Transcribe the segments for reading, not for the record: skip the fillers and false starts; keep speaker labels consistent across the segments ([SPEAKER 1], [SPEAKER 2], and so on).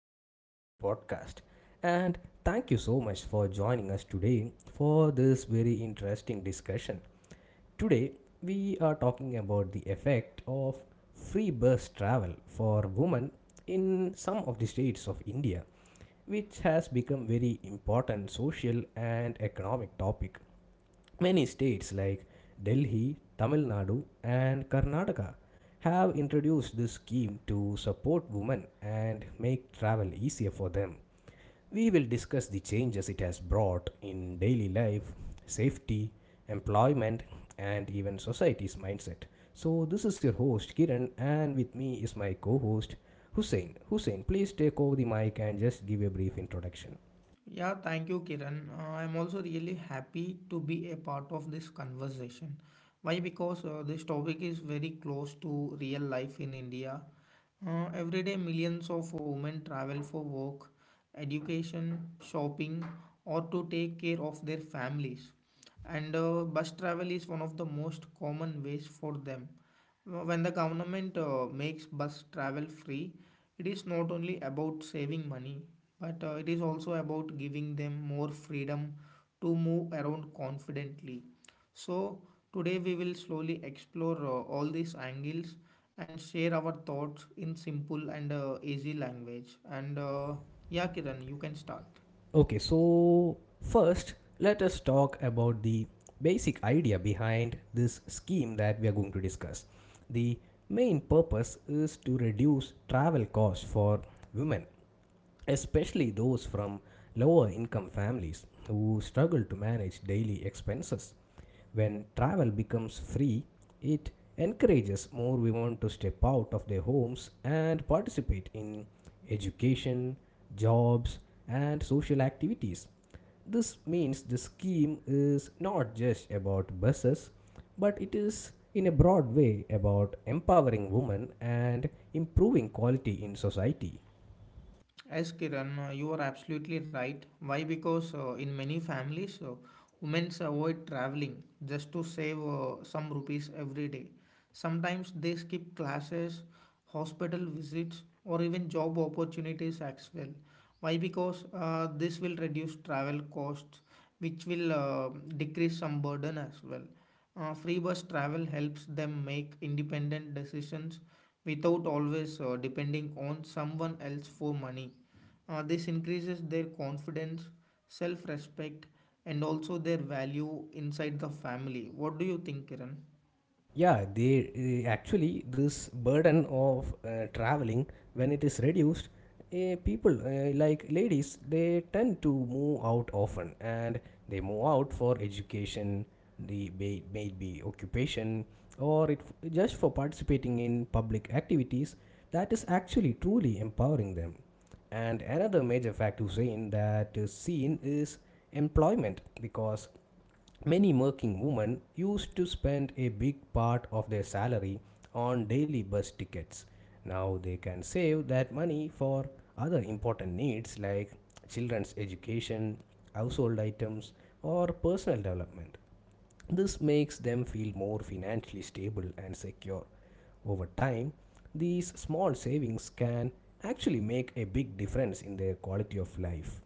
[SPEAKER 1] your favorite podcast. And thank you so much for joining us today for this very interesting discussion. Today, we are talking about the effect of free bus travel for women in some of the states of India, which has become very important social and economic topic. Many states like Delhi, Tamil Nadu, and Karnataka have introduced this scheme to support women and make travel easier for them. We will discuss the changes it has brought in daily life, safety, employment, and even society's mindset. So, this is your host Kiran, and with me is my co host Hussein. Hussein, please take over the mic and just give a brief introduction.
[SPEAKER 2] Yeah, thank you, Kiran. I'm also really happy to be a part of this conversation. Why? Because this topic is very close to real life in India. Every day, millions of women travel for work, education, shopping, or to take care of their families. And bus travel is one of the most common ways for them when the government makes bus travel free, it is not only about saving money, but it is also about giving them more freedom to move around confidently. So today we will slowly explore all these angles and share our thoughts in simple and easy language. And Yeah, Kiran, you can start.
[SPEAKER 1] Okay, so first, let us talk about the basic idea behind this scheme that we are going to discuss. The main purpose is to reduce travel costs for women, especially those from lower income families who struggle to manage daily expenses. When travel becomes free, it encourages more women to step out of their homes and participate in education, jobs, and social activities. This means the scheme is not just about buses, but it is in a broad way about empowering women and improving quality in society.
[SPEAKER 2] Yes, Kiran, you are absolutely right. Why? Because in many families, women avoid traveling just to save some rupees every day. Sometimes they skip classes, hospital visits, or even job opportunities as well. Why? Because this will reduce travel costs, which will decrease some burden as well. Free bus travel helps them make independent decisions without always depending on someone else for money. This increases their confidence, self respect, and also their value inside the family. What do you think, Kiran?
[SPEAKER 1] Yeah, actually, this burden of traveling, when it is reduced, people, like ladies, they tend to move out often, and they move out for education, maybe occupation, or just for participating in public activities that is actually truly empowering them. And another major fact to say in that is scene is employment, because many working women used to spend a big part of their salary on daily bus tickets. Now they can save that money for other important needs like children's education, household items, or personal development. This makes them feel more financially stable and secure. Over time, these small savings can actually make a big difference in their quality of life.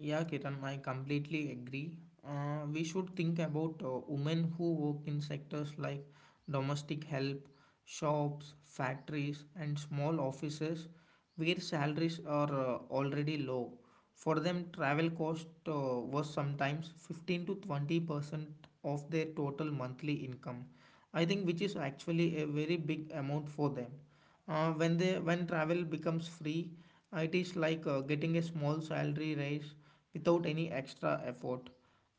[SPEAKER 2] Yeah, Ketan, I completely agree. We should think about women who work in sectors like domestic help, shops, factories, and small offices where salaries are already low. For them, travel cost was sometimes 15 to 20% of their total monthly income. I think which is actually a very big amount for them. When travel becomes free, it is like getting a small salary raise without any extra effort.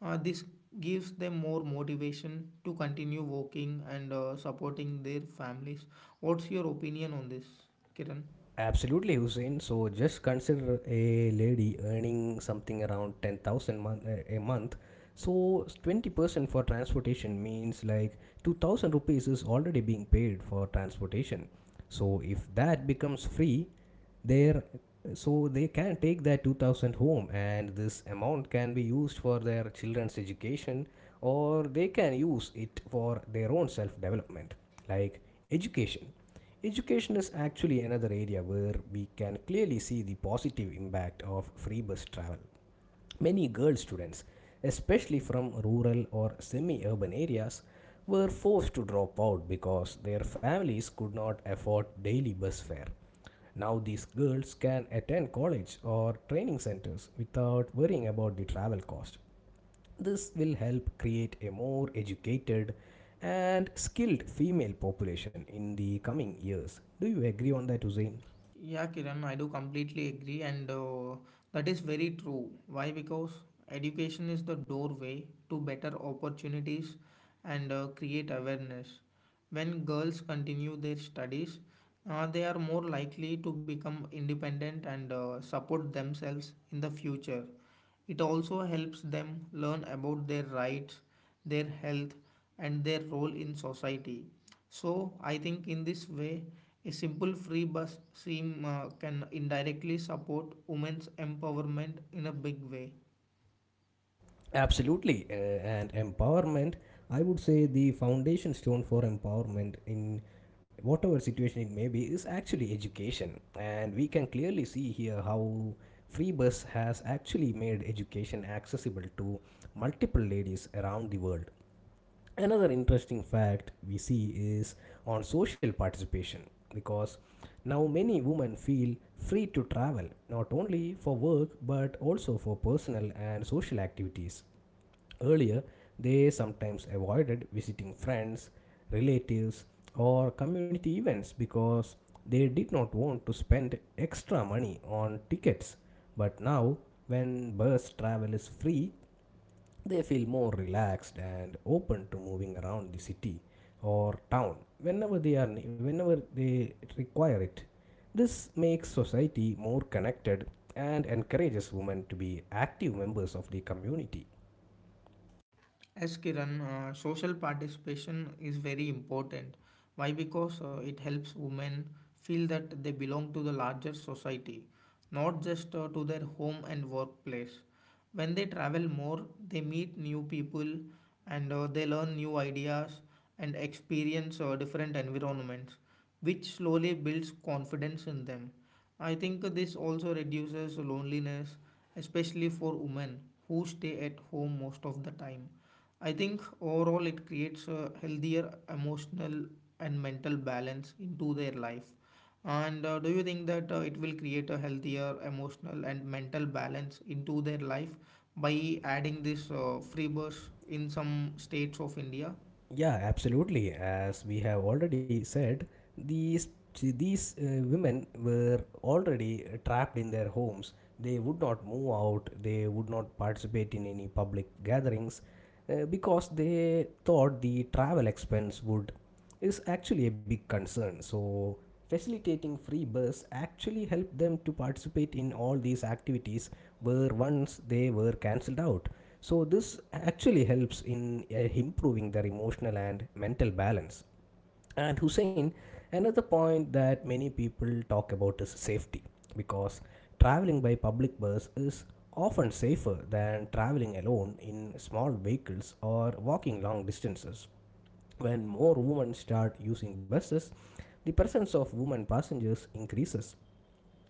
[SPEAKER 2] This gives them more motivation to continue working and supporting their families. What's your opinion on this, Kiran?
[SPEAKER 1] Absolutely, Hussein. So just consider a lady earning something around 10,000 month a month. So 20% for transportation means like 2,000 rupees is already being paid for transportation. So if that becomes free, there so they can take that 2000 home, and this amount can be used for their children's education, or they can use it for their own self development, like education education is actually another area where we can clearly see the positive impact of free bus travel. Many girl students, especially from rural or semi urban areas, were forced to drop out because their families could not afford daily bus fare. Now, these girls can attend college or training centers without worrying about the travel cost. This will help create a more educated and skilled female population in the coming years. Do you agree on that, Hussein?
[SPEAKER 2] Yeah, Kiran, I do completely agree, and that is very true. Why? Because education is the doorway to better opportunities and create awareness. When girls continue their studies, they are more likely to become independent and support themselves in the future. It also helps them learn about their rights, their health, and their role in society. So, I think in this way, a simple free bus scheme can indirectly support women's empowerment in a big way.
[SPEAKER 1] Absolutely, and empowerment. I would say the foundation stone for empowerment in whatever situation it may be is actually education, and we can clearly see here how FreeBus has actually made education accessible to multiple ladies around the world. Another interesting fact we see is on social participation, because now many women feel free to travel not only for work but also for personal and social activities. Earlier, they sometimes avoided visiting friends, relatives, or community events because they did not want to spend extra money on tickets. But now, when bus travel is free, they feel more relaxed and open to moving around the city or town whenever they require it. This makes society more connected and encourages women to be active members of the community.
[SPEAKER 2] As Kiran, social participation is very important. Why? Because it helps women feel that they belong to the larger society, not just to their home and workplace. When they travel more, they meet new people and they learn new ideas and experience different environments, which slowly builds confidence in them. I think this also reduces loneliness, especially for women who stay at home most of the time. I think overall it creates a healthier emotional and mental balance into their life. And do you think that it will create a healthier emotional and mental balance into their life by adding this free bus in some states of India?
[SPEAKER 1] Yeah, absolutely. As we have already said, these these women were already trapped in their homes. They would not move out. They would not participate in any public gatherings because they thought the travel expense would is actually a big concern. So, facilitating free bus actually helped them to participate in all these activities where once they were cancelled out. So, this actually helps in improving their emotional and mental balance. And Hussein, another point that many people talk about is safety, because traveling by public bus is often safer than traveling alone in small vehicles or walking long distances. When more women start using buses, the presence of women passengers increases,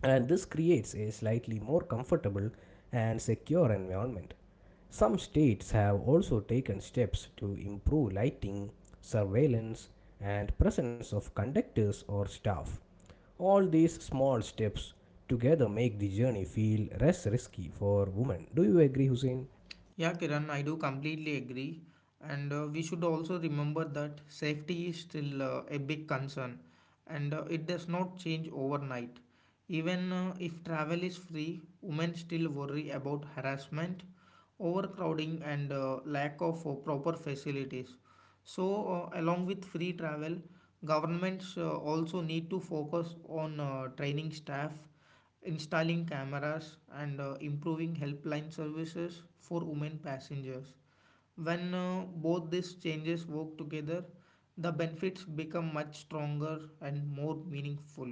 [SPEAKER 1] and this creates a slightly more comfortable and secure environment. Some states have also taken steps to improve lighting, surveillance, and presence of conductors or staff. All these small steps together make the journey feel less risky for women. Do you agree, Hussein?
[SPEAKER 2] Yeah, Kiran, I do completely agree. And we should also remember that safety is still a big concern and it does not change overnight. Even if travel is free, women still worry about harassment, overcrowding, and lack of proper facilities. So, along with free travel, governments also need to focus on training staff, installing cameras, and improving helpline services for women passengers. When both these changes work together, the benefits become much stronger and more meaningful.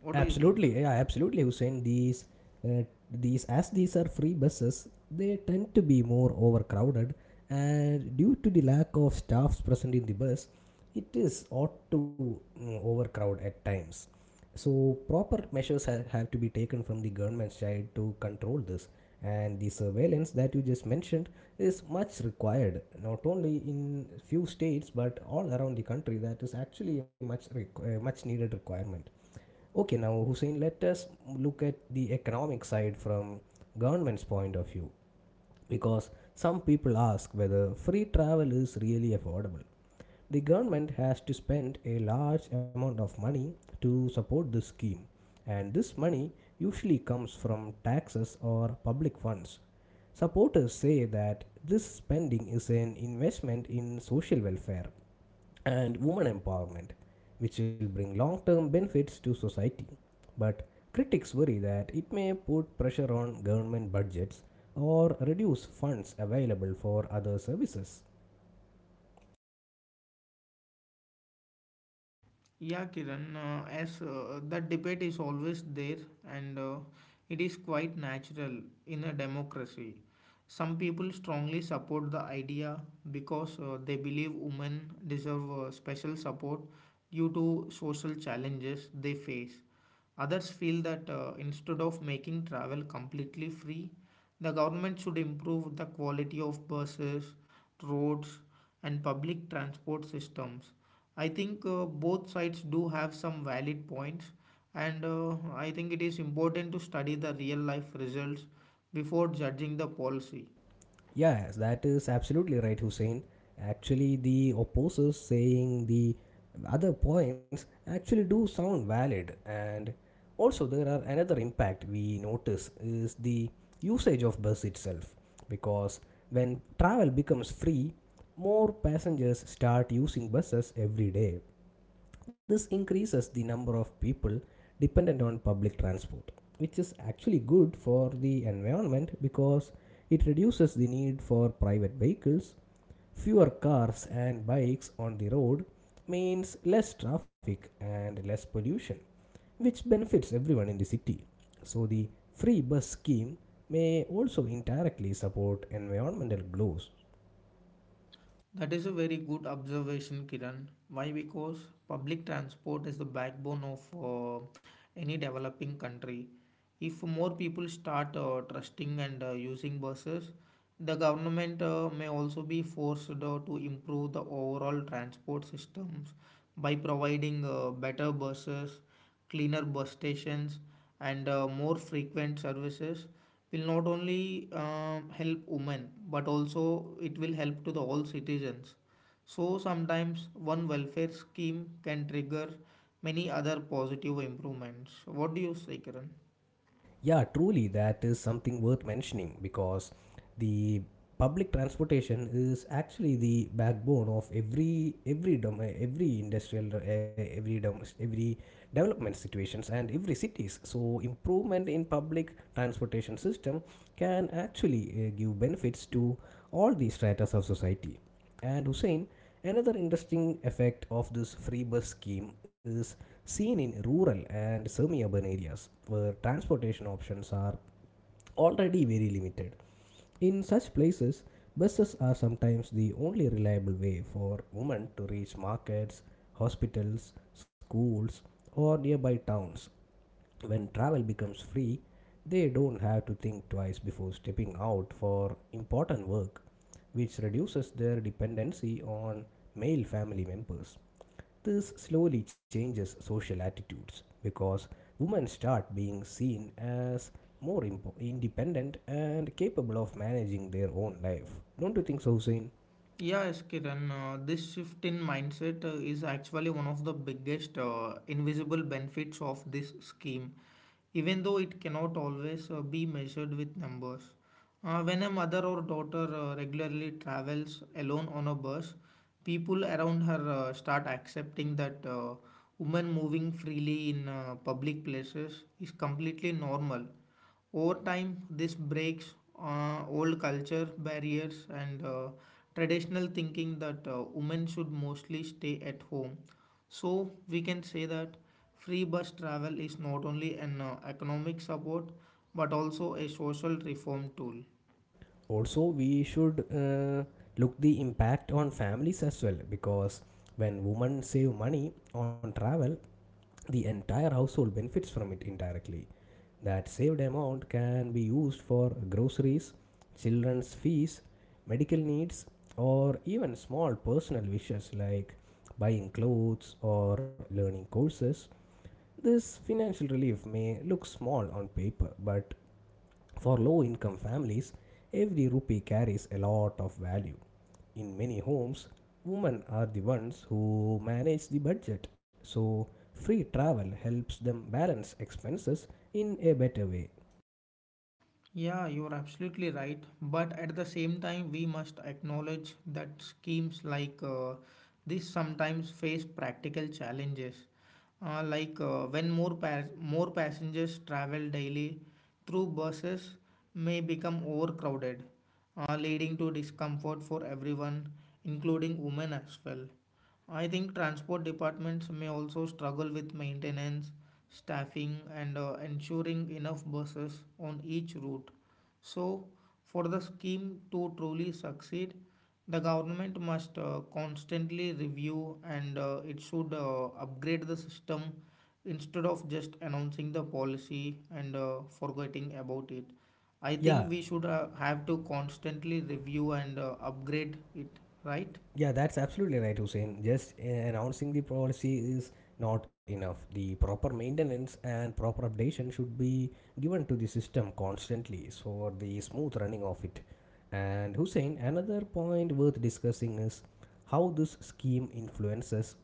[SPEAKER 2] What do you think?
[SPEAKER 1] Absolutely, yeah, absolutely, Hussein. Uh, these as these are free buses, they tend to be more overcrowded, and due to the lack of staffs present in the bus, it is ought to overcrowd at times. So proper measures have to be taken from the government side to control this, and the surveillance that you just mentioned is much required, not only in few states but all around the country. That is actually a much needed requirement. Okay, now Hussein, let us look at the economic side from government's point of view, because some people ask whether free travel is really affordable. The government has to spend a large amount of money to support this scheme, and this money usually comes from taxes or public funds. Supporters say that this spending is an investment in social welfare and women empowerment, which will bring long term benefits to society. But critics worry that it may put pressure on government budgets or reduce funds available for other services.
[SPEAKER 2] Yeah, Kiran, as that debate is always there and it is quite natural in a democracy. Some people strongly support the idea because they believe women deserve special support due to social challenges they face. Others feel that instead of making travel completely free, the government should improve the quality of buses, roads, and public transport systems. I think both sides do have some valid points, and I think it is important to study the real life results before judging the policy.
[SPEAKER 1] Yes, that is absolutely right, Hussein. Actually, the opposers saying the other points actually do sound valid, and also there are another impact we notice is the usage of bus itself, because when travel becomes free, more passengers start using buses every day. This increases the number of people dependent on public transport, which is actually good for the environment because it reduces the need for private vehicles. Fewer cars and bikes on the road means less traffic and less pollution, which benefits everyone in the city. So, the free bus scheme may also indirectly support environmental goals.
[SPEAKER 2] That is a very good observation, Kiran. Why? Because public transport is the backbone of any developing country. If more people start trusting and using buses, the government may also be forced to improve the overall transport systems by providing better buses, cleaner bus stations, and more frequent services. Will not only help women, but also it will help to the all citizens. So sometimes one welfare scheme can trigger many other positive improvements. What do you say, Kiran?
[SPEAKER 1] Yeah, truly, that is something worth mentioning because the public transportation is actually the backbone of every development situations and every cities, so improvement in public transportation system can actually give benefits to all the stratas of society. And Hussein, another interesting effect of this free bus scheme is seen in rural and semi urban areas where transportation options are already very limited. In such places, buses are sometimes the only reliable way for women to reach markets, hospitals, schools, or nearby towns. When travel becomes free, they don't have to think twice before stepping out for important work, which reduces their dependency on male family members. This slowly changes social attitudes because women start being seen as independent and capable of managing their own life. Don't you think so, Hussein?
[SPEAKER 2] Yes, Kiran, this shift in mindset is actually one of the biggest invisible benefits of this scheme, even though it cannot always be measured with numbers. When a mother or daughter regularly travels alone on a bus, people around her start accepting that women moving freely in public places is completely normal. Over time, this breaks old culture barriers and traditional thinking that women should mostly stay at home. So, we can say that free bus travel is not only an economic support but also a social reform tool.
[SPEAKER 1] Also, we should look the impact on families as well, because when women save money on travel, the entire household benefits from it indirectly. That saved amount can be used for groceries, children's fees, medical needs, or even small personal wishes like buying clothes or learning courses. This financial relief may look small on paper, but for low income families, every rupee carries a lot of value. In many homes, women are the ones who manage the budget, so free travel helps them balance expenses in a better way.
[SPEAKER 2] Yeah, you're absolutely right. But at the same time, we must acknowledge that schemes like this sometimes face practical challenges. When more passengers travel daily through buses may become overcrowded, leading to discomfort for everyone, including women as well. I think transport departments may also struggle with maintenance, staffing, and ensuring enough buses on each route. So, for the scheme to truly succeed, the government must constantly review and it should upgrade the system instead of just announcing the policy and forgetting about it. I think
[SPEAKER 1] Yeah,
[SPEAKER 2] we should have to constantly review and upgrade it, right?
[SPEAKER 1] yeah, that's absolutely right, Hussein. Just announcing the policy is not enough. The proper maintenance and proper updation should be given to the system constantly for the smooth running of it. And Hussein, another point worth discussing is how this scheme influences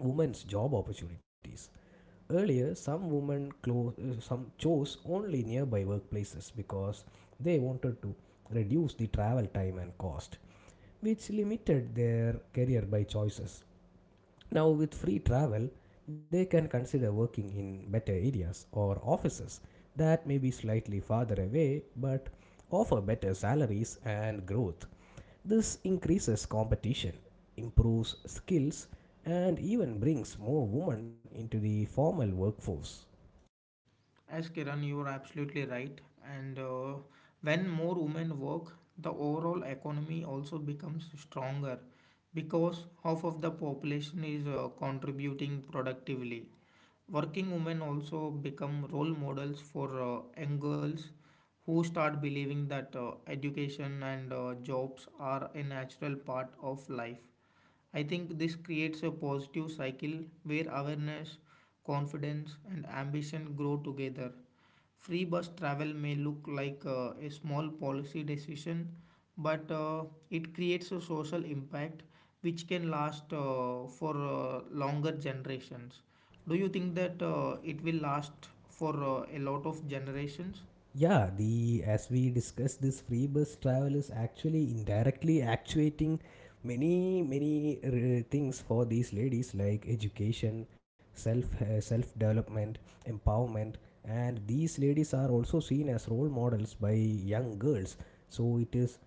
[SPEAKER 1] women's job opportunities. Earlier, some chose only nearby workplaces because they wanted to reduce the travel time and cost, which limited their career by choices. Now, with free travel, they can consider working in better areas or offices that may be slightly farther away but offer better salaries and growth. This increases competition, improves skills, and even brings more women into the formal workforce.
[SPEAKER 2] As Kiran, you are absolutely right. And when more women work, the overall economy also becomes stronger because half of the population is contributing productively. Working women also become role models for young girls who start believing that education and jobs are a natural part of life. I think this creates a positive cycle where awareness, confidence, and ambition grow together. Free bus travel may look like a small policy decision, but it creates a social impact which can last for longer generations. Do you think that it will last for a lot of generations?
[SPEAKER 1] Yeah, the as we discussed, this free bus travel is actually indirectly actuating many things for these ladies like education, self development, empowerment, and these ladies are also seen as role models by young girls. So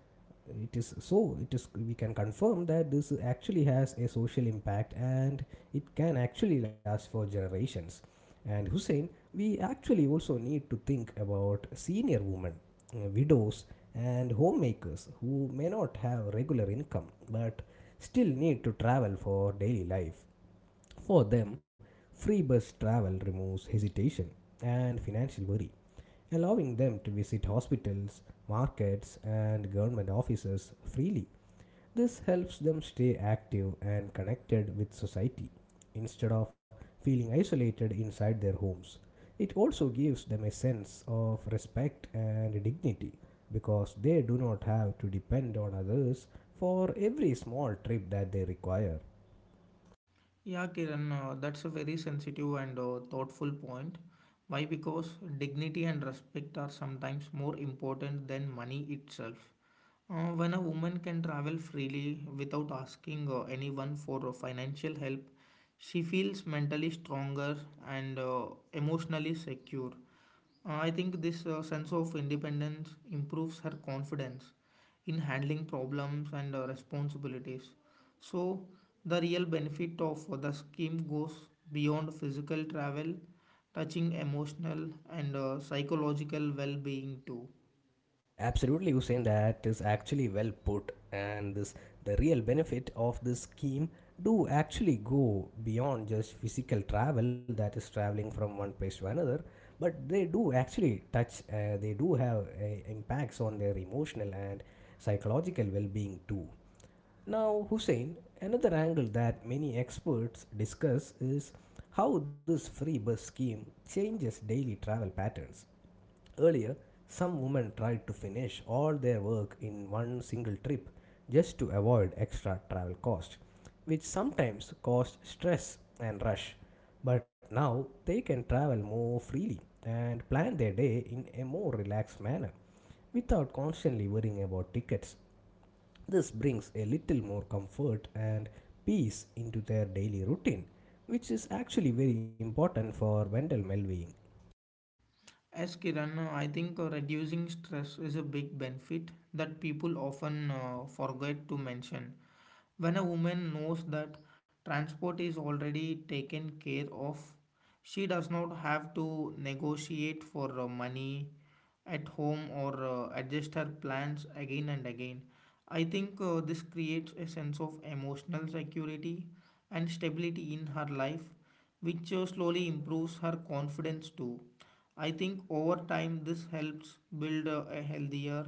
[SPEAKER 1] it is so it is we can confirm that this actually has a social impact, and it can actually last for generations. And Hussein, we actually also need to think about senior women, widows, and homemakers who may not have regular income but still need to travel for daily life. For them, free bus travel removes hesitation and financial worry, allowing them to visit hospitals, markets, and government offices freely. This helps them stay active and connected with society instead of feeling isolated inside their homes. It also gives them a sense of respect and dignity because they do not have to depend on others for every small trip that they require.
[SPEAKER 2] Yeah, Kiran, that's a very sensitive and thoughtful point. Why? Because dignity and respect are sometimes more important than money itself. When a woman can travel freely without asking anyone for financial help, she feels mentally stronger and emotionally secure. I think this sense of independence improves her confidence in handling problems and responsibilities. So, the real benefit of the scheme goes beyond physical travel, touching emotional and psychological well being too.
[SPEAKER 1] Absolutely, Hussein, that is actually well put. And this, the real benefit of this scheme do actually go beyond just physical travel, that is traveling from one place to another, but they do actually touch, they do have impacts on their emotional and psychological well-being too. Now, Hussein, another angle that many experts discuss is how this free bus scheme changes daily travel patterns. Earlier, some women tried to finish all their work in one single trip just to avoid extra travel costs, which sometimes caused stress and rush. But now they can travel more freely and plan their day in a more relaxed manner without constantly worrying about tickets. This brings a little more comfort and peace into their daily routine, which is actually very important for mental well being.
[SPEAKER 2] As Kiran, I think reducing stress is a big benefit that people often forget to mention. When a woman knows that transport is already taken care of, she does not have to negotiate for money at home or adjust her plans again and again. I think this creates a sense of emotional security and stability in her life, which slowly improves her confidence too. I think over time this helps build a healthier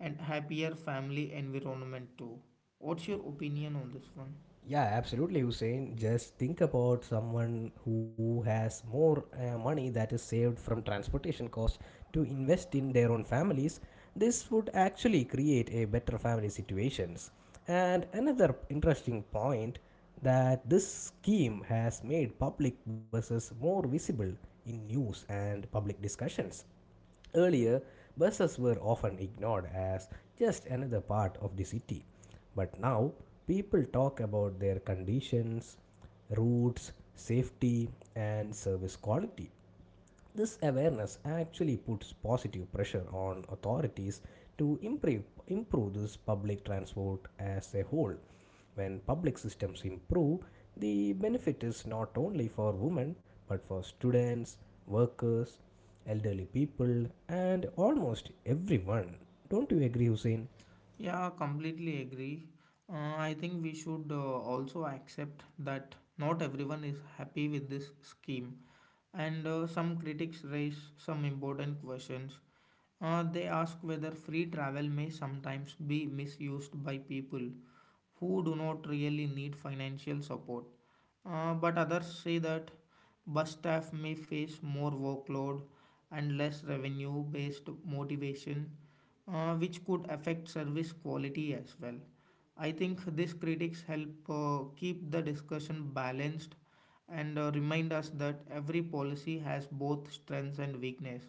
[SPEAKER 2] and happier family environment too. What's your opinion on this one?
[SPEAKER 1] Yeah, absolutely, Hussein. Just think about someone who has more money that is saved from transportation costs to invest in their own families. This would actually create a better family situations. And another interesting point that this scheme has made public buses more visible in news and public discussions. Earlier, buses were often ignored as just another part of the city, but now people talk about their conditions, routes, safety, and service quality. This awareness actually puts positive pressure on authorities to improve, improve this public transport as a whole. When public systems improve, the benefit is not only for women but for students, workers, elderly people, and almost everyone. Don't you agree, Hussein?
[SPEAKER 2] Yeah, completely agree. I think we should also accept that not everyone is happy with this scheme, and some critics raise some important questions. They ask whether free travel may sometimes be misused by people who do not really need financial support. But others say that bus staff may face more workload and less revenue based motivation, which could affect service quality as well. I think these critics help keep the discussion balanced and remind us that every policy has both strengths and weakness.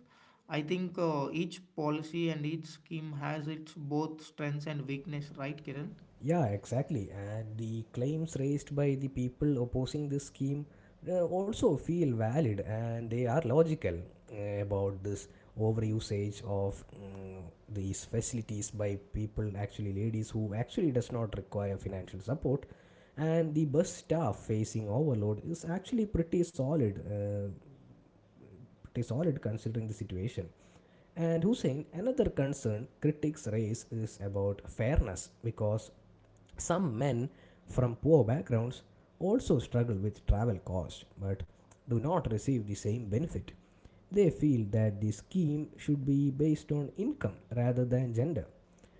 [SPEAKER 2] I think each policy and each scheme has its both strengths and weakness, right, Kiran?
[SPEAKER 1] Yeah, exactly. And the claims raised by the people opposing this scheme also feel valid and they are logical about this overusage of these facilities by people, actually ladies who actually does not require financial support. And the bus staff facing overload is actually pretty solid considering the situation. And Hussein, another concern critics raise is about fairness because some men from poor backgrounds also struggle with travel costs but do not receive the same benefit. They feel that the scheme should be based on income rather than gender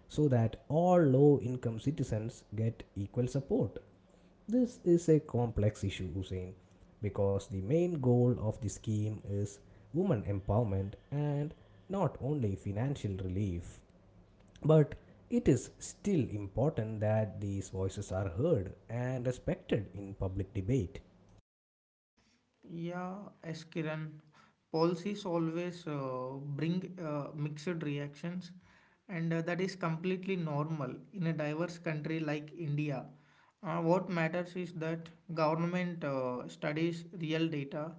[SPEAKER 1] so that all low income citizens get equal support. This is a complex issue, Hussein, because the main goal of the scheme is women empowerment and not only financial relief. But it is still important that these voices are heard and respected in public debate.
[SPEAKER 2] Yeah, as Kiran, policies always bring mixed reactions, and that is completely normal in a diverse country like India. What matters is that government studies real data,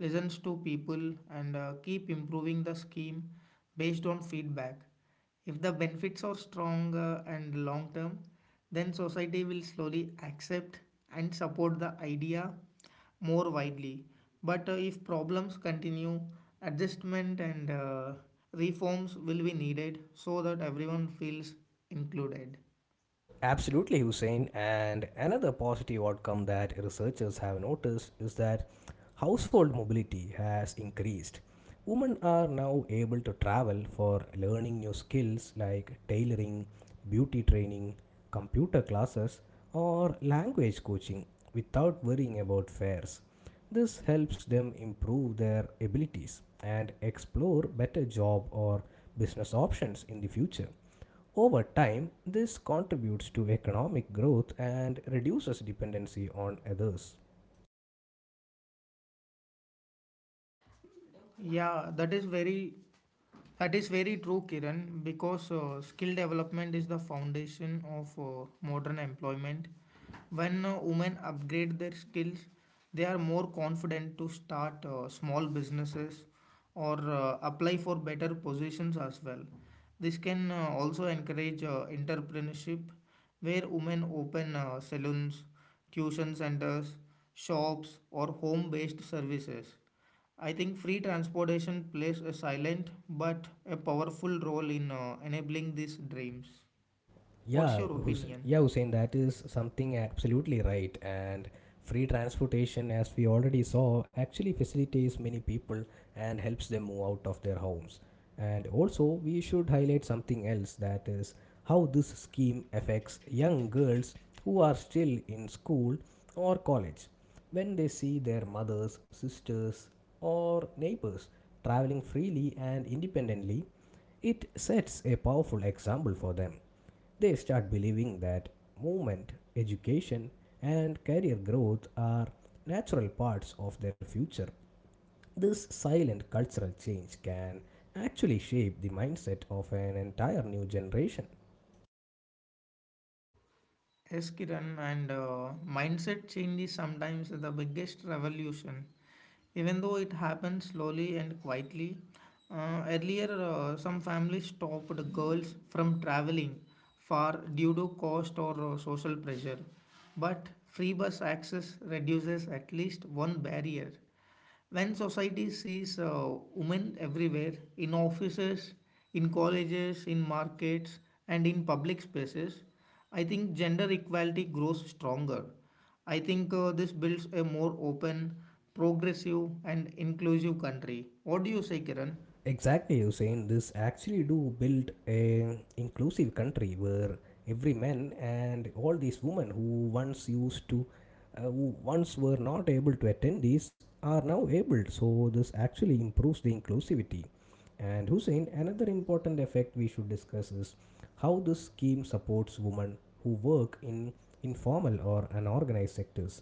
[SPEAKER 2] listens to people, and keep improving the scheme based on feedback. If the benefits are strong and long term, then society will slowly accept and support the idea more widely. But if problems continue, adjustment and reforms will be needed so that everyone feels included.
[SPEAKER 1] Absolutely, Hussein. And another positive outcome that researchers have noticed is that household mobility has increased. Women are now able to travel for learning new skills like tailoring, beauty training, computer classes, or language coaching without worrying about fares. This helps them improve their abilities and explore better job or business options in the future. Over time, this contributes to economic growth and reduces dependency on others.
[SPEAKER 2] Yeah, that is very That is very true, Kiran, because skill development is the foundation of modern employment. When women upgrade their skills, they are more confident to start small businesses or apply for better positions as well. This can also encourage entrepreneurship, where women open salons, tuition centers, shops, or home based services. I think free transportation plays a silent but a powerful role in enabling these dreams. What's your opinion?
[SPEAKER 1] Yeah, Hussein, that is something absolutely right. And free transportation, as we already saw, actually facilitates many people and helps them move out of their homes. And also, we should highlight something else, that is how this scheme affects young girls who are still in school or college. When they see their mothers, sisters, or neighbors traveling freely and independently, it sets a powerful example for them. They start believing that movement, education, and career growth are natural parts of their future. This silent cultural change can actually shape the mindset of an entire new generation.
[SPEAKER 2] Yes, Kiran, and mindset change is sometimes the biggest revolution. Even though it happens slowly and quietly, earlier some families stopped girls from traveling far due to cost or social pressure. But free bus access reduces at least one barrier. When society sees women everywhere, in offices, in colleges, in markets, and in public spaces, I think gender equality grows stronger. I think this builds a more open, progressive, and inclusive country. What do you say, Kiran?
[SPEAKER 1] Exactly, Hussein. This actually do build a inclusive country where every man and all these women who once used to, who once were not able to attend these, are now able. So this actually improves the inclusivity. And Hussein, another important effect we should discuss is how this scheme supports women who work in informal or unorganized sectors.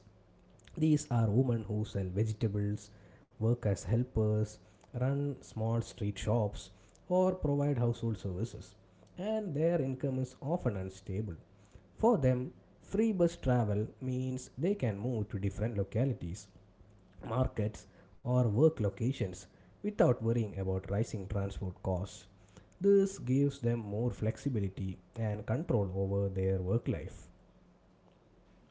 [SPEAKER 1] These are women who sell vegetables, work as helpers, run small street shops, or provide household services, and their income is often unstable. For them, free bus travel means they can move to different localities, markets, or work locations without worrying about rising transport costs. This gives them more flexibility and control over their work life.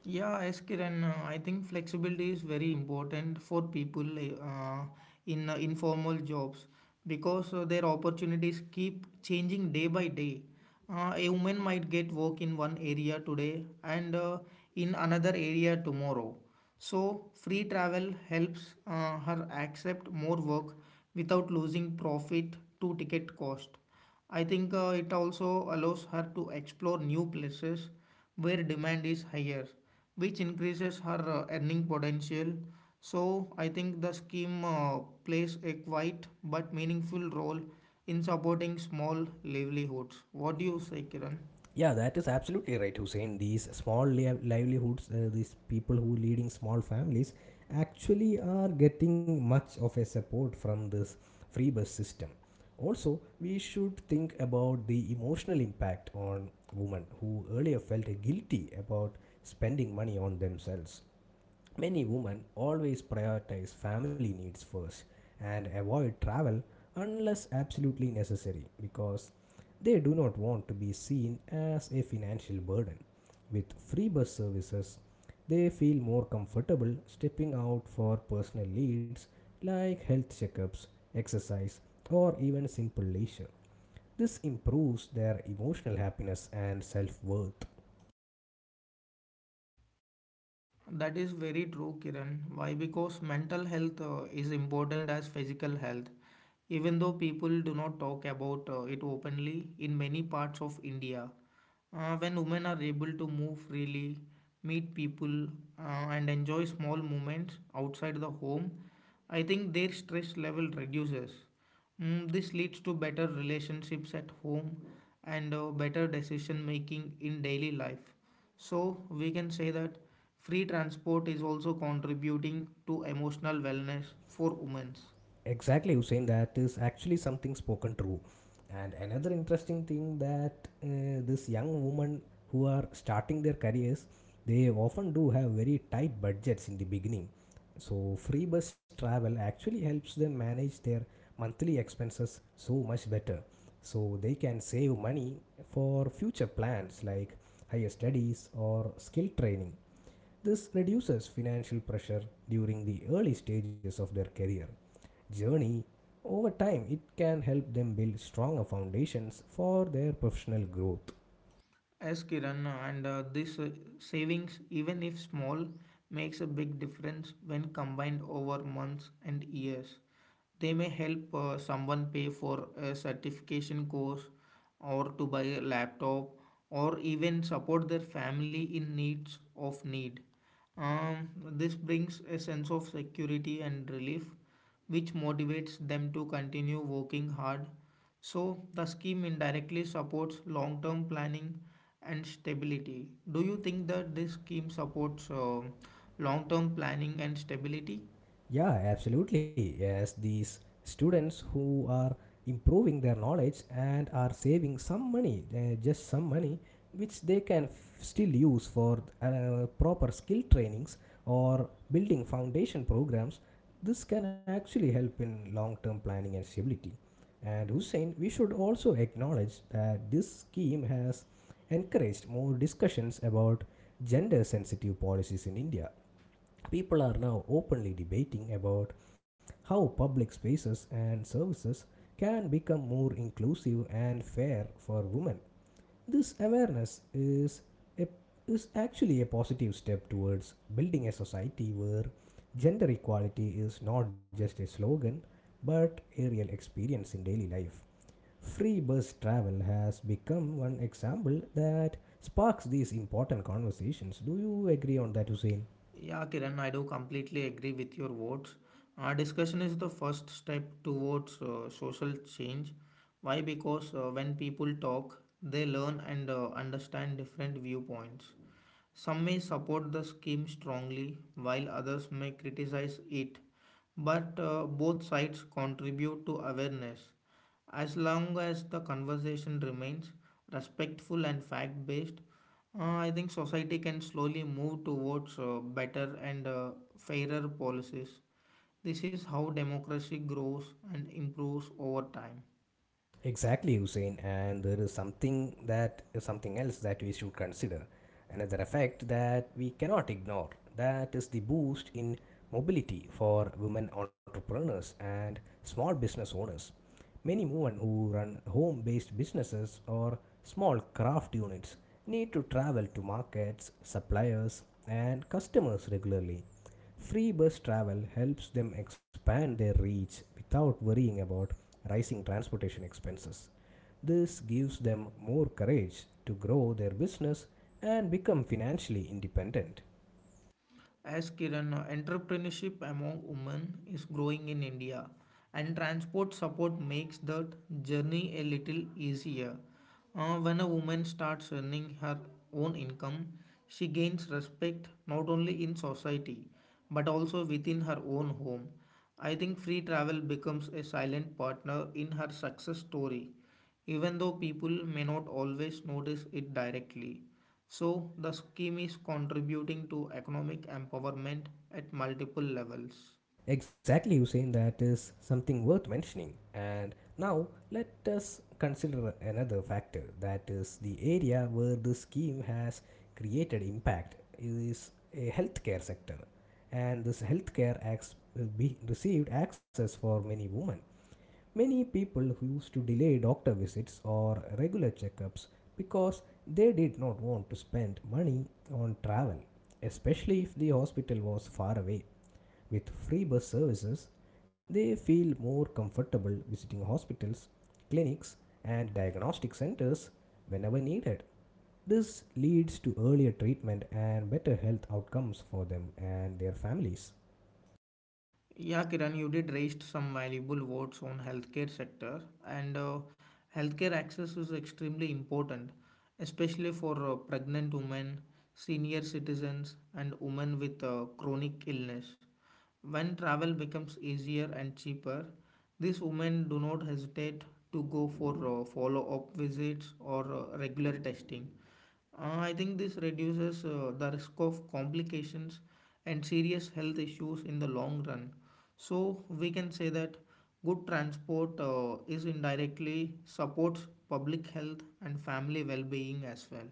[SPEAKER 2] Yeah, yes, Kiran. I think flexibility is very important for people uh, in informal jobs because their opportunities keep changing day by day. A woman might get work in one area today and in another area tomorrow. So, free travel helps her accept more work without losing profit to ticket cost. I think it also allows her to explore new places where demand is higher, which increases her earning potential. So, I think the scheme plays a quiet but meaningful role in supporting small livelihoods. What do you say, Kiran?
[SPEAKER 1] Yeah, that is absolutely right, Hussein. These livelihoods, these people who leading small families, actually are getting much of a support from this free bus system. Also, we should think about the emotional impact on women who earlier felt guilty about spending money on themselves. Many women always prioritize family needs first and avoid travel unless absolutely necessary because they do not want to be seen as a financial burden. With free bus services, they feel more comfortable stepping out for personal needs like health checkups, exercise, or even simple leisure. This improves their emotional happiness and self worth.
[SPEAKER 2] That is very true, Kiran. Why? Because mental health is important as physical health. Even though people do not talk about it openly in many parts of India, when women are able to move freely, meet people, and enjoy small moments outside the home, I think their stress level reduces. This leads to better relationships at home and better decision making in daily life. So we can say that free transport is also contributing to emotional wellness for women.
[SPEAKER 1] Exactly, Hussein. That is actually something spoken true. And another interesting thing that this young women who are starting their careers, they often do have very tight budgets in the beginning. So free bus travel actually helps them manage their monthly expenses so much better. So they can save money for future plans like higher studies or skill training. This reduces financial pressure during the early stages of their career journey, over time it can help them build stronger foundations for their professional growth.
[SPEAKER 2] As Kiran and this savings, even if small, makes a big difference when combined over months and years. They may help someone pay for a certification course or to buy a laptop or even support their family in needs of need. This brings a sense of security and relief, which motivates them to continue working hard. So, the scheme indirectly supports long term planning and stability. Do you think that this scheme supports long term planning and stability?
[SPEAKER 1] Yeah, absolutely. Yes, these students who are improving their knowledge and are saving some money, just some money, which they can still use for proper skill trainings or building foundation programs, this can actually help in long term planning and stability. And Hussein, we should also acknowledge that this scheme has encouraged more discussions about gender sensitive policies in India. People are now openly debating about how public spaces and services can become more inclusive and fair for women. This awareness is a, is actually a positive step towards building a society where gender equality is not just a slogan but a real experience in daily life. Free bus travel has become one example that sparks these important conversations. Do you agree on that, Hussein?
[SPEAKER 2] Yeah, Kiran, I do completely agree with your words. Our discussion is the first step towards social change. Why? Because when people talk, they learn and understand different viewpoints. Some may support the scheme strongly, while others may criticize it, but both sides contribute to awareness. As long as the conversation remains respectful and fact based, I think society can slowly move towards better and fairer policies. This is how democracy grows and improves over time.
[SPEAKER 1] Exactly, Hussein. And there is something, that is something else that we should consider. Another effect that we cannot ignore, that is the boost in mobility for women entrepreneurs and small business owners. Many women who run home based businesses or small craft units need to travel to markets, suppliers, and customers regularly. Free bus travel helps them expand their reach without worrying about rising transportation expenses. This gives them more courage to grow their business and become financially independent.
[SPEAKER 2] As Kiran, entrepreneurship among women is growing in India, and transport support makes that journey a little easier. When a woman starts earning her own income, she gains respect not only in society but also within her own home. I think free travel becomes a silent partner in her success story, even though people may not always notice it directly. So the scheme is contributing to economic empowerment at multiple levels.
[SPEAKER 1] Exactly, Hussein, that is something worth mentioning. And now let us consider another factor, that is the area where the scheme has created impact is a healthcare sector. And this healthcare acts will be received access for many women. Many people who used to delay doctor visits or regular checkups because they did not want to spend money on travel, especially if the hospital was far away, with free bus services, they feel more comfortable visiting hospitals, clinics, and diagnostic centers whenever needed. This leads to earlier treatment and better health outcomes for them and their families.
[SPEAKER 2] Yeah, Kiran, you did raised some valuable words on healthcare sector, and healthcare access is extremely important, especially for pregnant women, senior citizens, and women with chronic illness. When travel becomes easier and cheaper, these women do not hesitate to go for follow-up visits or regular testing. I think this reduces the risk of complications and serious health issues in the long run. So we can say that good transport is indirectly supports public health and family well-being as well.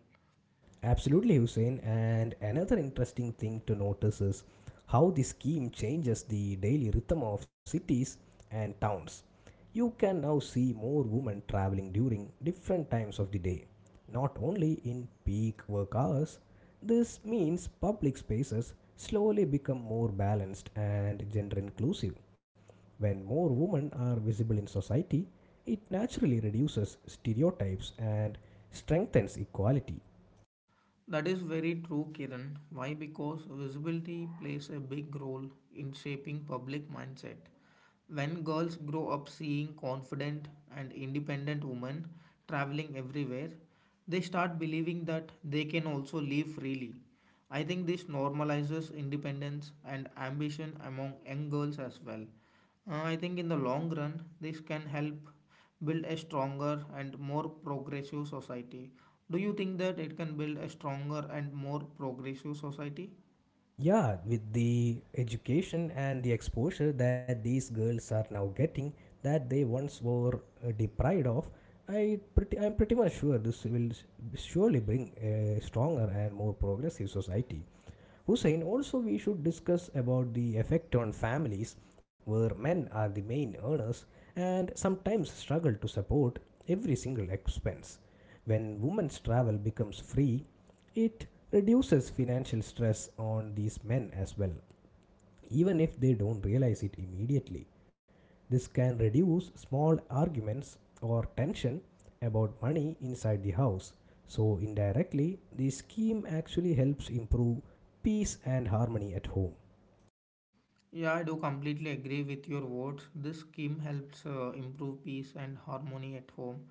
[SPEAKER 1] Absolutely, Hussein. And another interesting thing to notice is how the scheme changes the daily rhythm of cities and towns. You can now see more women traveling during different times of the day, not only in peak work hours. This means public spaces slowly become more balanced and gender inclusive. When more women are visible in society, it naturally reduces stereotypes and strengthens equality.
[SPEAKER 2] That is very true, Kiran. Why? Because visibility plays a big role in shaping public mindset. When girls grow up seeing confident and independent women traveling everywhere, they start believing that they can also live freely. I think this normalizes independence and ambition among young girls as well. I think in the long run, this can help build a stronger and more progressive society. Do you think that it can build a stronger and more progressive society?
[SPEAKER 1] Yeah, with the education and the exposure that these girls are now getting, that they once were deprived of, I'm pretty much sure this will surely bring a stronger and more progressive society. Hussein, also we should discuss about the effect on families where men are the main earners and sometimes struggle to support every single expense. When women's travel becomes free, it reduces financial stress on these men as well, even if they don't realize it immediately. This can reduce small arguments or tension about money inside the house. So, indirectly, the scheme actually helps improve peace and harmony at home.
[SPEAKER 2] Yeah, I do completely agree with your words. This scheme helps improve peace and harmony at home.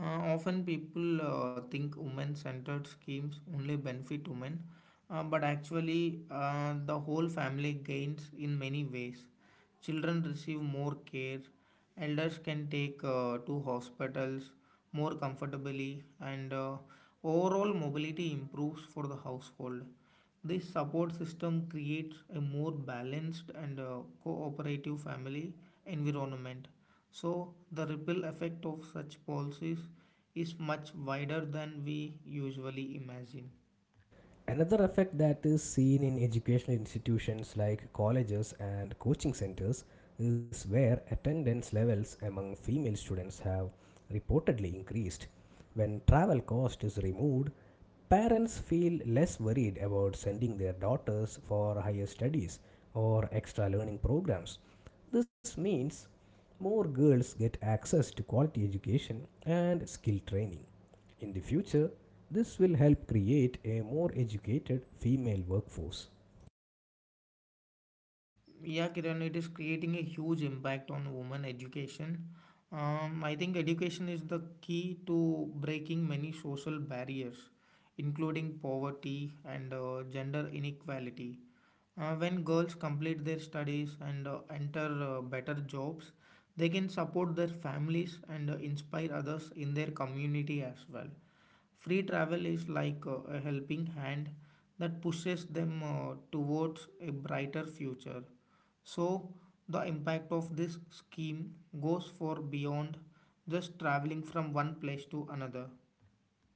[SPEAKER 2] Often people think women centered schemes only benefit women, but actually, the whole family gains in many ways. Children receive more care, elders can take to hospitals more comfortably, and overall mobility improves for the household. This support system creates a more balanced and cooperative family environment. So, the ripple effect of such policies is much wider than we usually imagine.
[SPEAKER 1] Another effect that is seen in educational institutions like colleges and coaching centers is where attendance levels among female students have reportedly increased. When travel cost is removed, parents feel less worried about sending their daughters for higher studies or extra learning programs. This means more girls get access to quality education and skill training. In the future, this will help create a more educated female workforce.
[SPEAKER 2] Yeah, Kiran, it is creating a huge impact on women education. I think education is the key to breaking many social barriers, including poverty and gender inequality. When girls complete their studies and enter better jobs, they can support their families and inspire others in their community as well. Free travel is like a helping hand that pushes them towards a brighter future. So, the impact of this scheme goes for beyond just traveling from one place to another.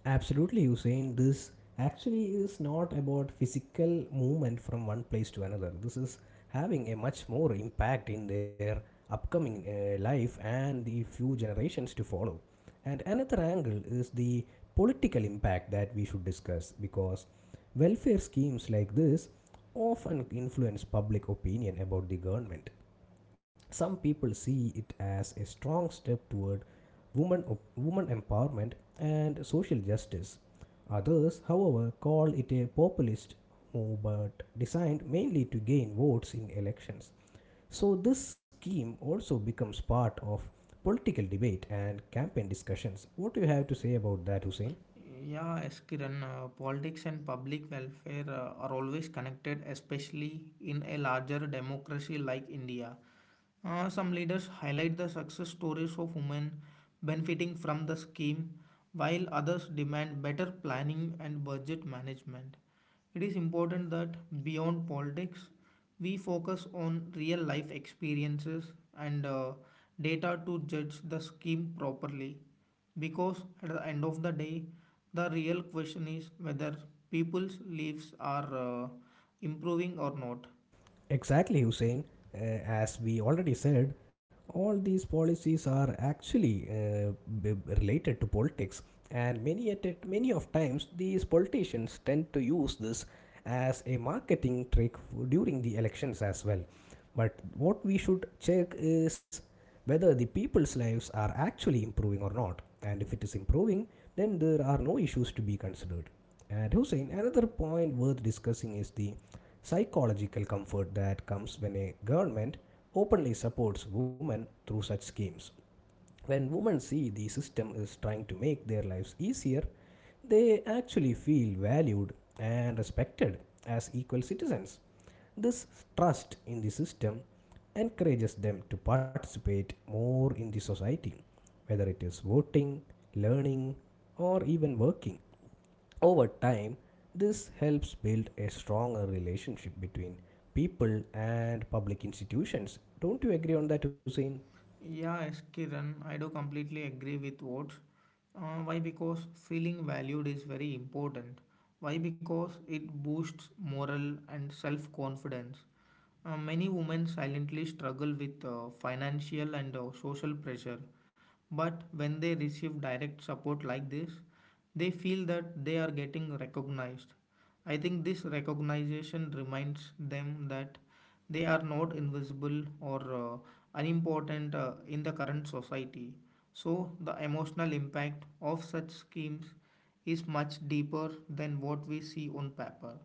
[SPEAKER 1] Absolutely, Hussein. This actually is not about physical movement from one place to another. This is having a much more impact in their upcoming life and the few generations to follow. And another angle is the political impact that we should discuss because welfare schemes like this often influence public opinion about the government. Some people see it as a strong step toward woman, woman empowerment and social justice. Others, however, call it a populist move but designed mainly to gain votes in elections. So, this scheme also becomes part of political debate and campaign discussions. What do you have to say about that, Hussein?
[SPEAKER 2] Yeah, yes, Kiran, politics and public welfare are always connected, especially in a larger democracy like India. Some leaders highlight the success stories of women benefiting from the scheme, while others demand better planning and budget management. It is important that beyond politics, we focus on real life experiences and data to judge the scheme properly. Because at the end of the day, the real question is whether people's lives are improving or not.
[SPEAKER 1] Exactly, Hussein. As we already said, all these policies are actually b- related to politics, and many of times these politicians tend to use this as a marketing trick during the elections as well. But what we should check is whether the people's lives are actually improving or not, and if it is improving, then there are no issues to be considered. And Hussein, another point worth discussing is the psychological comfort that comes when a government openly supports women through such schemes. When women see the system is trying to make their lives easier, they actually feel valued and respected as equal citizens. This trust in the system encourages them to participate more in the society, whether it is voting, learning, or even working. Over time, this helps build a stronger relationship between people and public institutions. Don't you agree on that, Hussein?
[SPEAKER 2] Yeah, yes, Kiran, I do completely agree with what. Why? Because feeling valued is very important. Why? Because it boosts moral and self confidence. Many women silently struggle with financial and social pressure. But when they receive direct support like this, they feel that they are getting recognized. I think this recognition reminds them that they are not invisible or unimportant in the current society. So, the emotional impact of such schemes is much deeper than what we see on paper.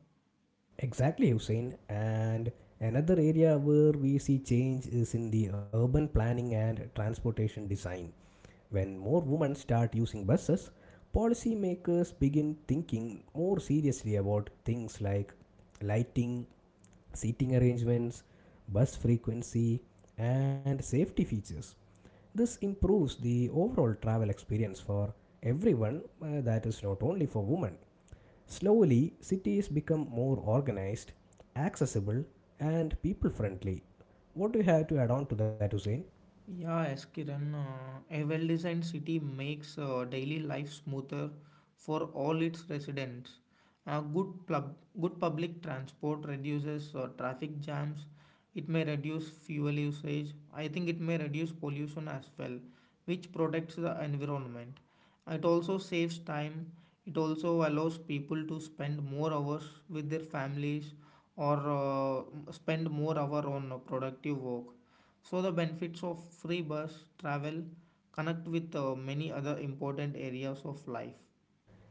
[SPEAKER 1] Exactly, Hussein. And another area where we see change is in the urban planning and transportation design. When more women start using buses, policymakers begin thinking more seriously about things like lighting, seating arrangements, bus frequency, and safety features. This improves the overall travel experience for everyone, that is, not only for women. Slowly, cities become more organized, accessible, and people friendly. What do you have to add on to that, Hussein?
[SPEAKER 2] Yeah, as Kiran, a well designed city makes daily life smoother for all its residents. Uh, good, plub- good public transport reduces traffic jams, it may reduce fuel usage, I think it may reduce pollution as well, which protects the environment. It also saves time, it also allows people to spend more hours with their families or spend more hour on productive work so the benefits of free bus travel connect with many other important areas of life.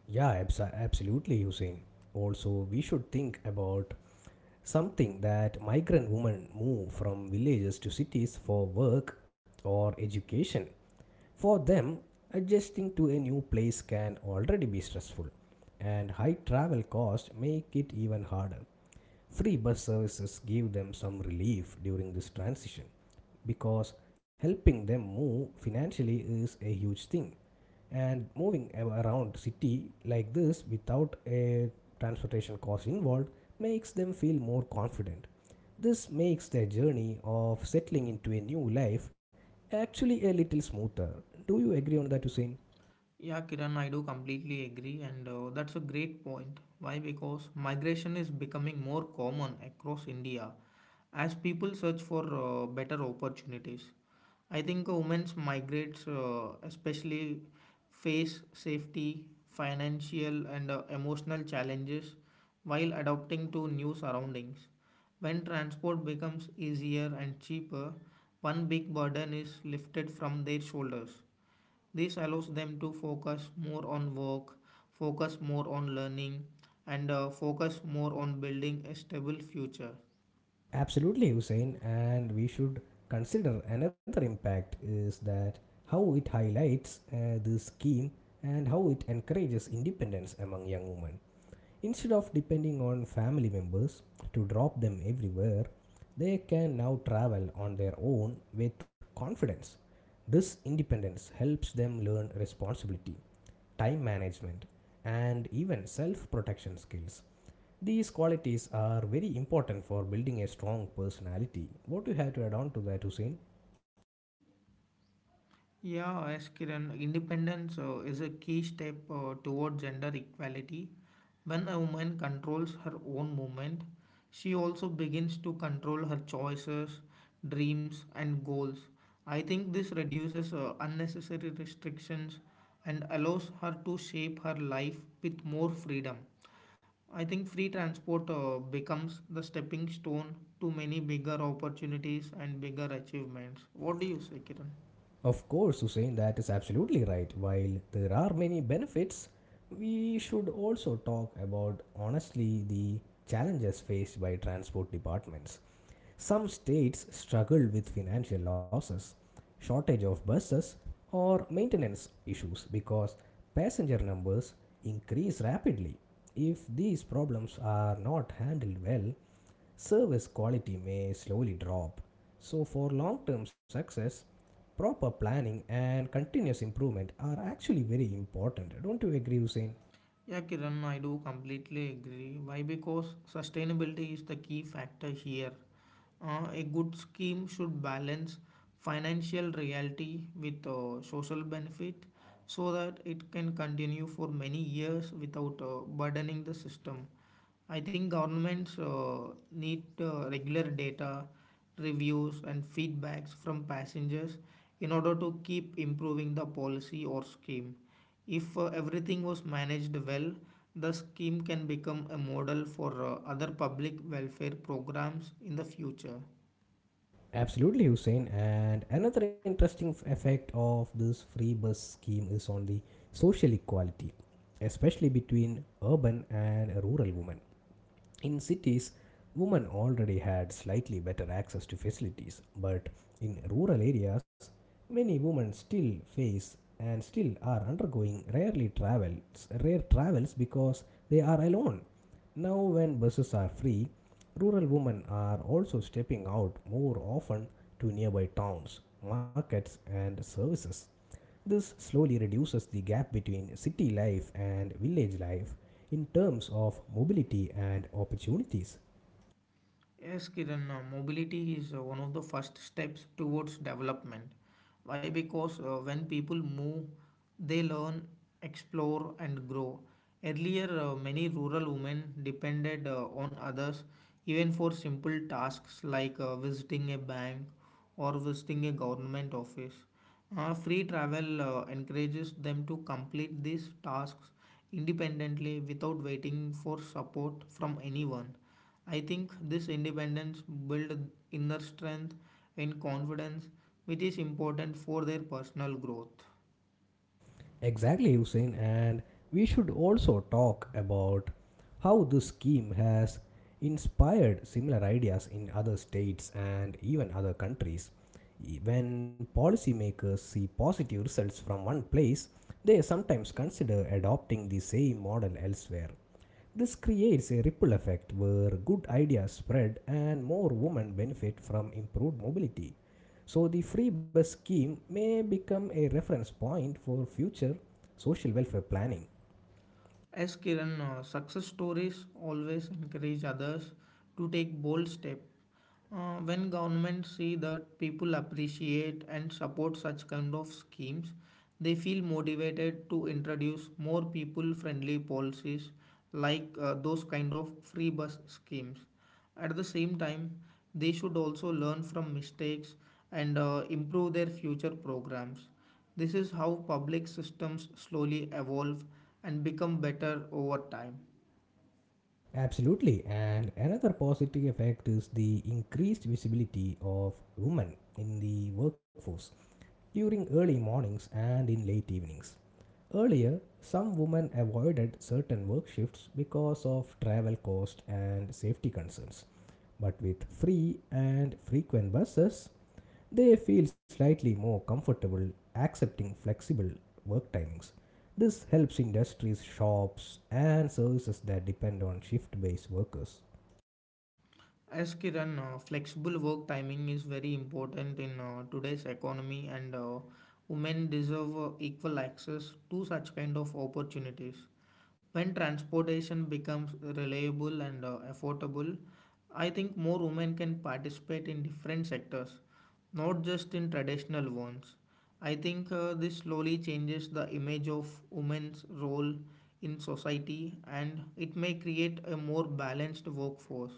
[SPEAKER 1] Yeah, absolutely, Hussein. Also, we should think about something that migrant women move from villages to cities for work or education. For them, adjusting to a new place can already be stressful, and high travel costs make it even harder. Free bus services give them some relief during this transition because helping them move financially is a huge thing, and moving around city like this without a transportation cost involved makes them feel more confident. This makes their journey of settling into a new life actually a little smoother. Do you agree on that, Hussein?
[SPEAKER 2] Yeah, Kiran, I do completely agree, and that's a great point. Why? Because migration is becoming more common across India as people search for better opportunities. I think women's migrates, especially, face safety, financial, and emotional challenges while adapting to new surroundings. When transport becomes easier and cheaper, one big burden is lifted from their shoulders. This allows them to focus more on work, focus more on learning, and focus more on building a stable future.
[SPEAKER 1] Absolutely, Hussein, and we should consider another impact is that how it highlights this scheme and how it encourages independence among young women. Instead of depending on family members to drop them everywhere, they can now travel on their own with confidence. This independence helps them learn responsibility, time management, and even self protection skills. These qualities are very important for building a strong personality. What do you have to add on to that, Hussein?
[SPEAKER 2] Yeah, as Kiran, independence is a key step toward gender equality. When a woman controls her own movement, she also begins to control her choices, dreams, and goals. I think this reduces unnecessary restrictions and allows her to shape her life with more freedom. I think free transport becomes the stepping stone to many bigger opportunities and bigger achievements. What do you say, Kiran?
[SPEAKER 1] Of course, Hussein, that is absolutely right. While there are many benefits, we should also talk about honestly the challenges faced by transport departments. Some states struggle with financial losses, shortage of buses, or maintenance issues because passenger numbers increase rapidly. If these problems are not handled well, service quality may slowly drop. So, for long term success, proper planning and continuous improvement are actually very important. Don't you agree, Hussein?
[SPEAKER 2] Yeah, Kiran, I do completely agree. Why? Because sustainability is the key factor here. A good scheme should balance financial reality with social benefit so that it can continue for many years without burdening the system. I think governments need regular data, reviews, and feedbacks from passengers in order to keep improving the policy or scheme. If everything was managed well, the scheme can become a model for other public welfare programs in the future.
[SPEAKER 1] Absolutely, Hussein. And another interesting effect of this free bus scheme is on the social equality, especially between urban and rural women. In cities, women already had slightly better access to facilities, but in rural areas, many women still face and still are undergoing rarely travels rare travels because they are alone. Now when buses are free, rural women are also stepping out more often to nearby towns, markets and services. This slowly reduces the gap between city life and village life in terms of mobility and opportunities.
[SPEAKER 2] Yes, Kiran, mobility is one of the first steps towards development. Why? Because when people move, they learn, explore, and grow. Earlier, many rural women depended on others even for simple tasks like visiting a bank or visiting a government office. Free travel encourages them to complete these tasks independently without waiting for support from anyone. I think this independence builds inner strength and confidence, which is important for their personal growth.
[SPEAKER 1] Exactly, Hussein, and we should also talk about how this scheme has inspired similar ideas in other states and even other countries. When policymakers see positive results from one place, they sometimes consider adopting the same model elsewhere. This creates a ripple effect where good ideas spread and more women benefit from improved mobility. So, the free bus scheme may become a reference point for future social welfare planning.
[SPEAKER 2] As Kiran, success stories always encourage others to take bold steps. When governments see that people appreciate and support such kind of schemes, they feel motivated to introduce more people-friendly policies like those kind of free bus schemes. At the same time, they should also learn from mistakes and improve their future programs. This is how public systems slowly evolve and become better over time.
[SPEAKER 1] Absolutely, and another positive effect is the increased visibility of women in the workforce during early mornings and in late evenings. Earlier, some women avoided certain work shifts because of travel cost and safety concerns. But with free and frequent buses, they feel slightly more comfortable accepting flexible work timings. This helps industries, shops, and services that depend on shift based workers.
[SPEAKER 2] As Kiran, flexible work timing is very important in today's economy, and women deserve equal access to such kind of opportunities. When transportation becomes reliable and affordable, I think more women can participate in different sectors, not just in traditional ones. I think this slowly changes the image of women's role in society and it may create a more balanced workforce.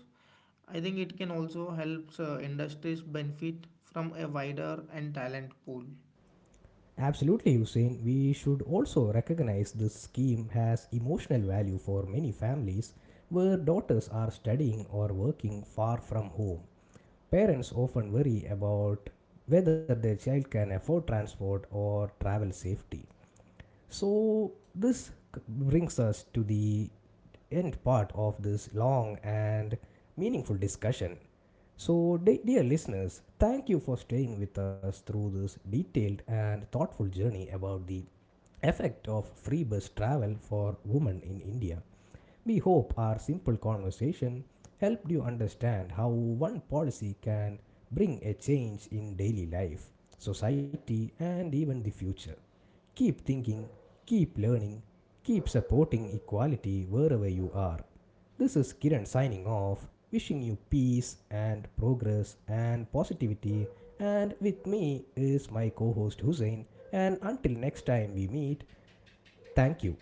[SPEAKER 2] I think it can also helps industries benefit from a wider and talent pool.
[SPEAKER 1] Absolutely, Hussein. We should also recognize this scheme has emotional value for many families where daughters are studying or working far from home. Parents often worry about whether their child can afford transport or travel safety. So, this brings us to the end part of this long and meaningful discussion. So, dear listeners, thank you for staying with us through this detailed and thoughtful journey about the effect of free bus travel for women in India. We hope our simple conversation helped you understand how one policy can bring a change in daily life, society, and even the future. Keep thinking, keep learning, keep supporting equality wherever you are. This is Kiran signing off, wishing you peace and progress and positivity. And with me is my co host Hussein. And until next time we meet, thank you.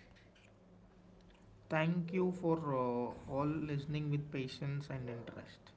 [SPEAKER 2] Thank you for all listening with patience and interest.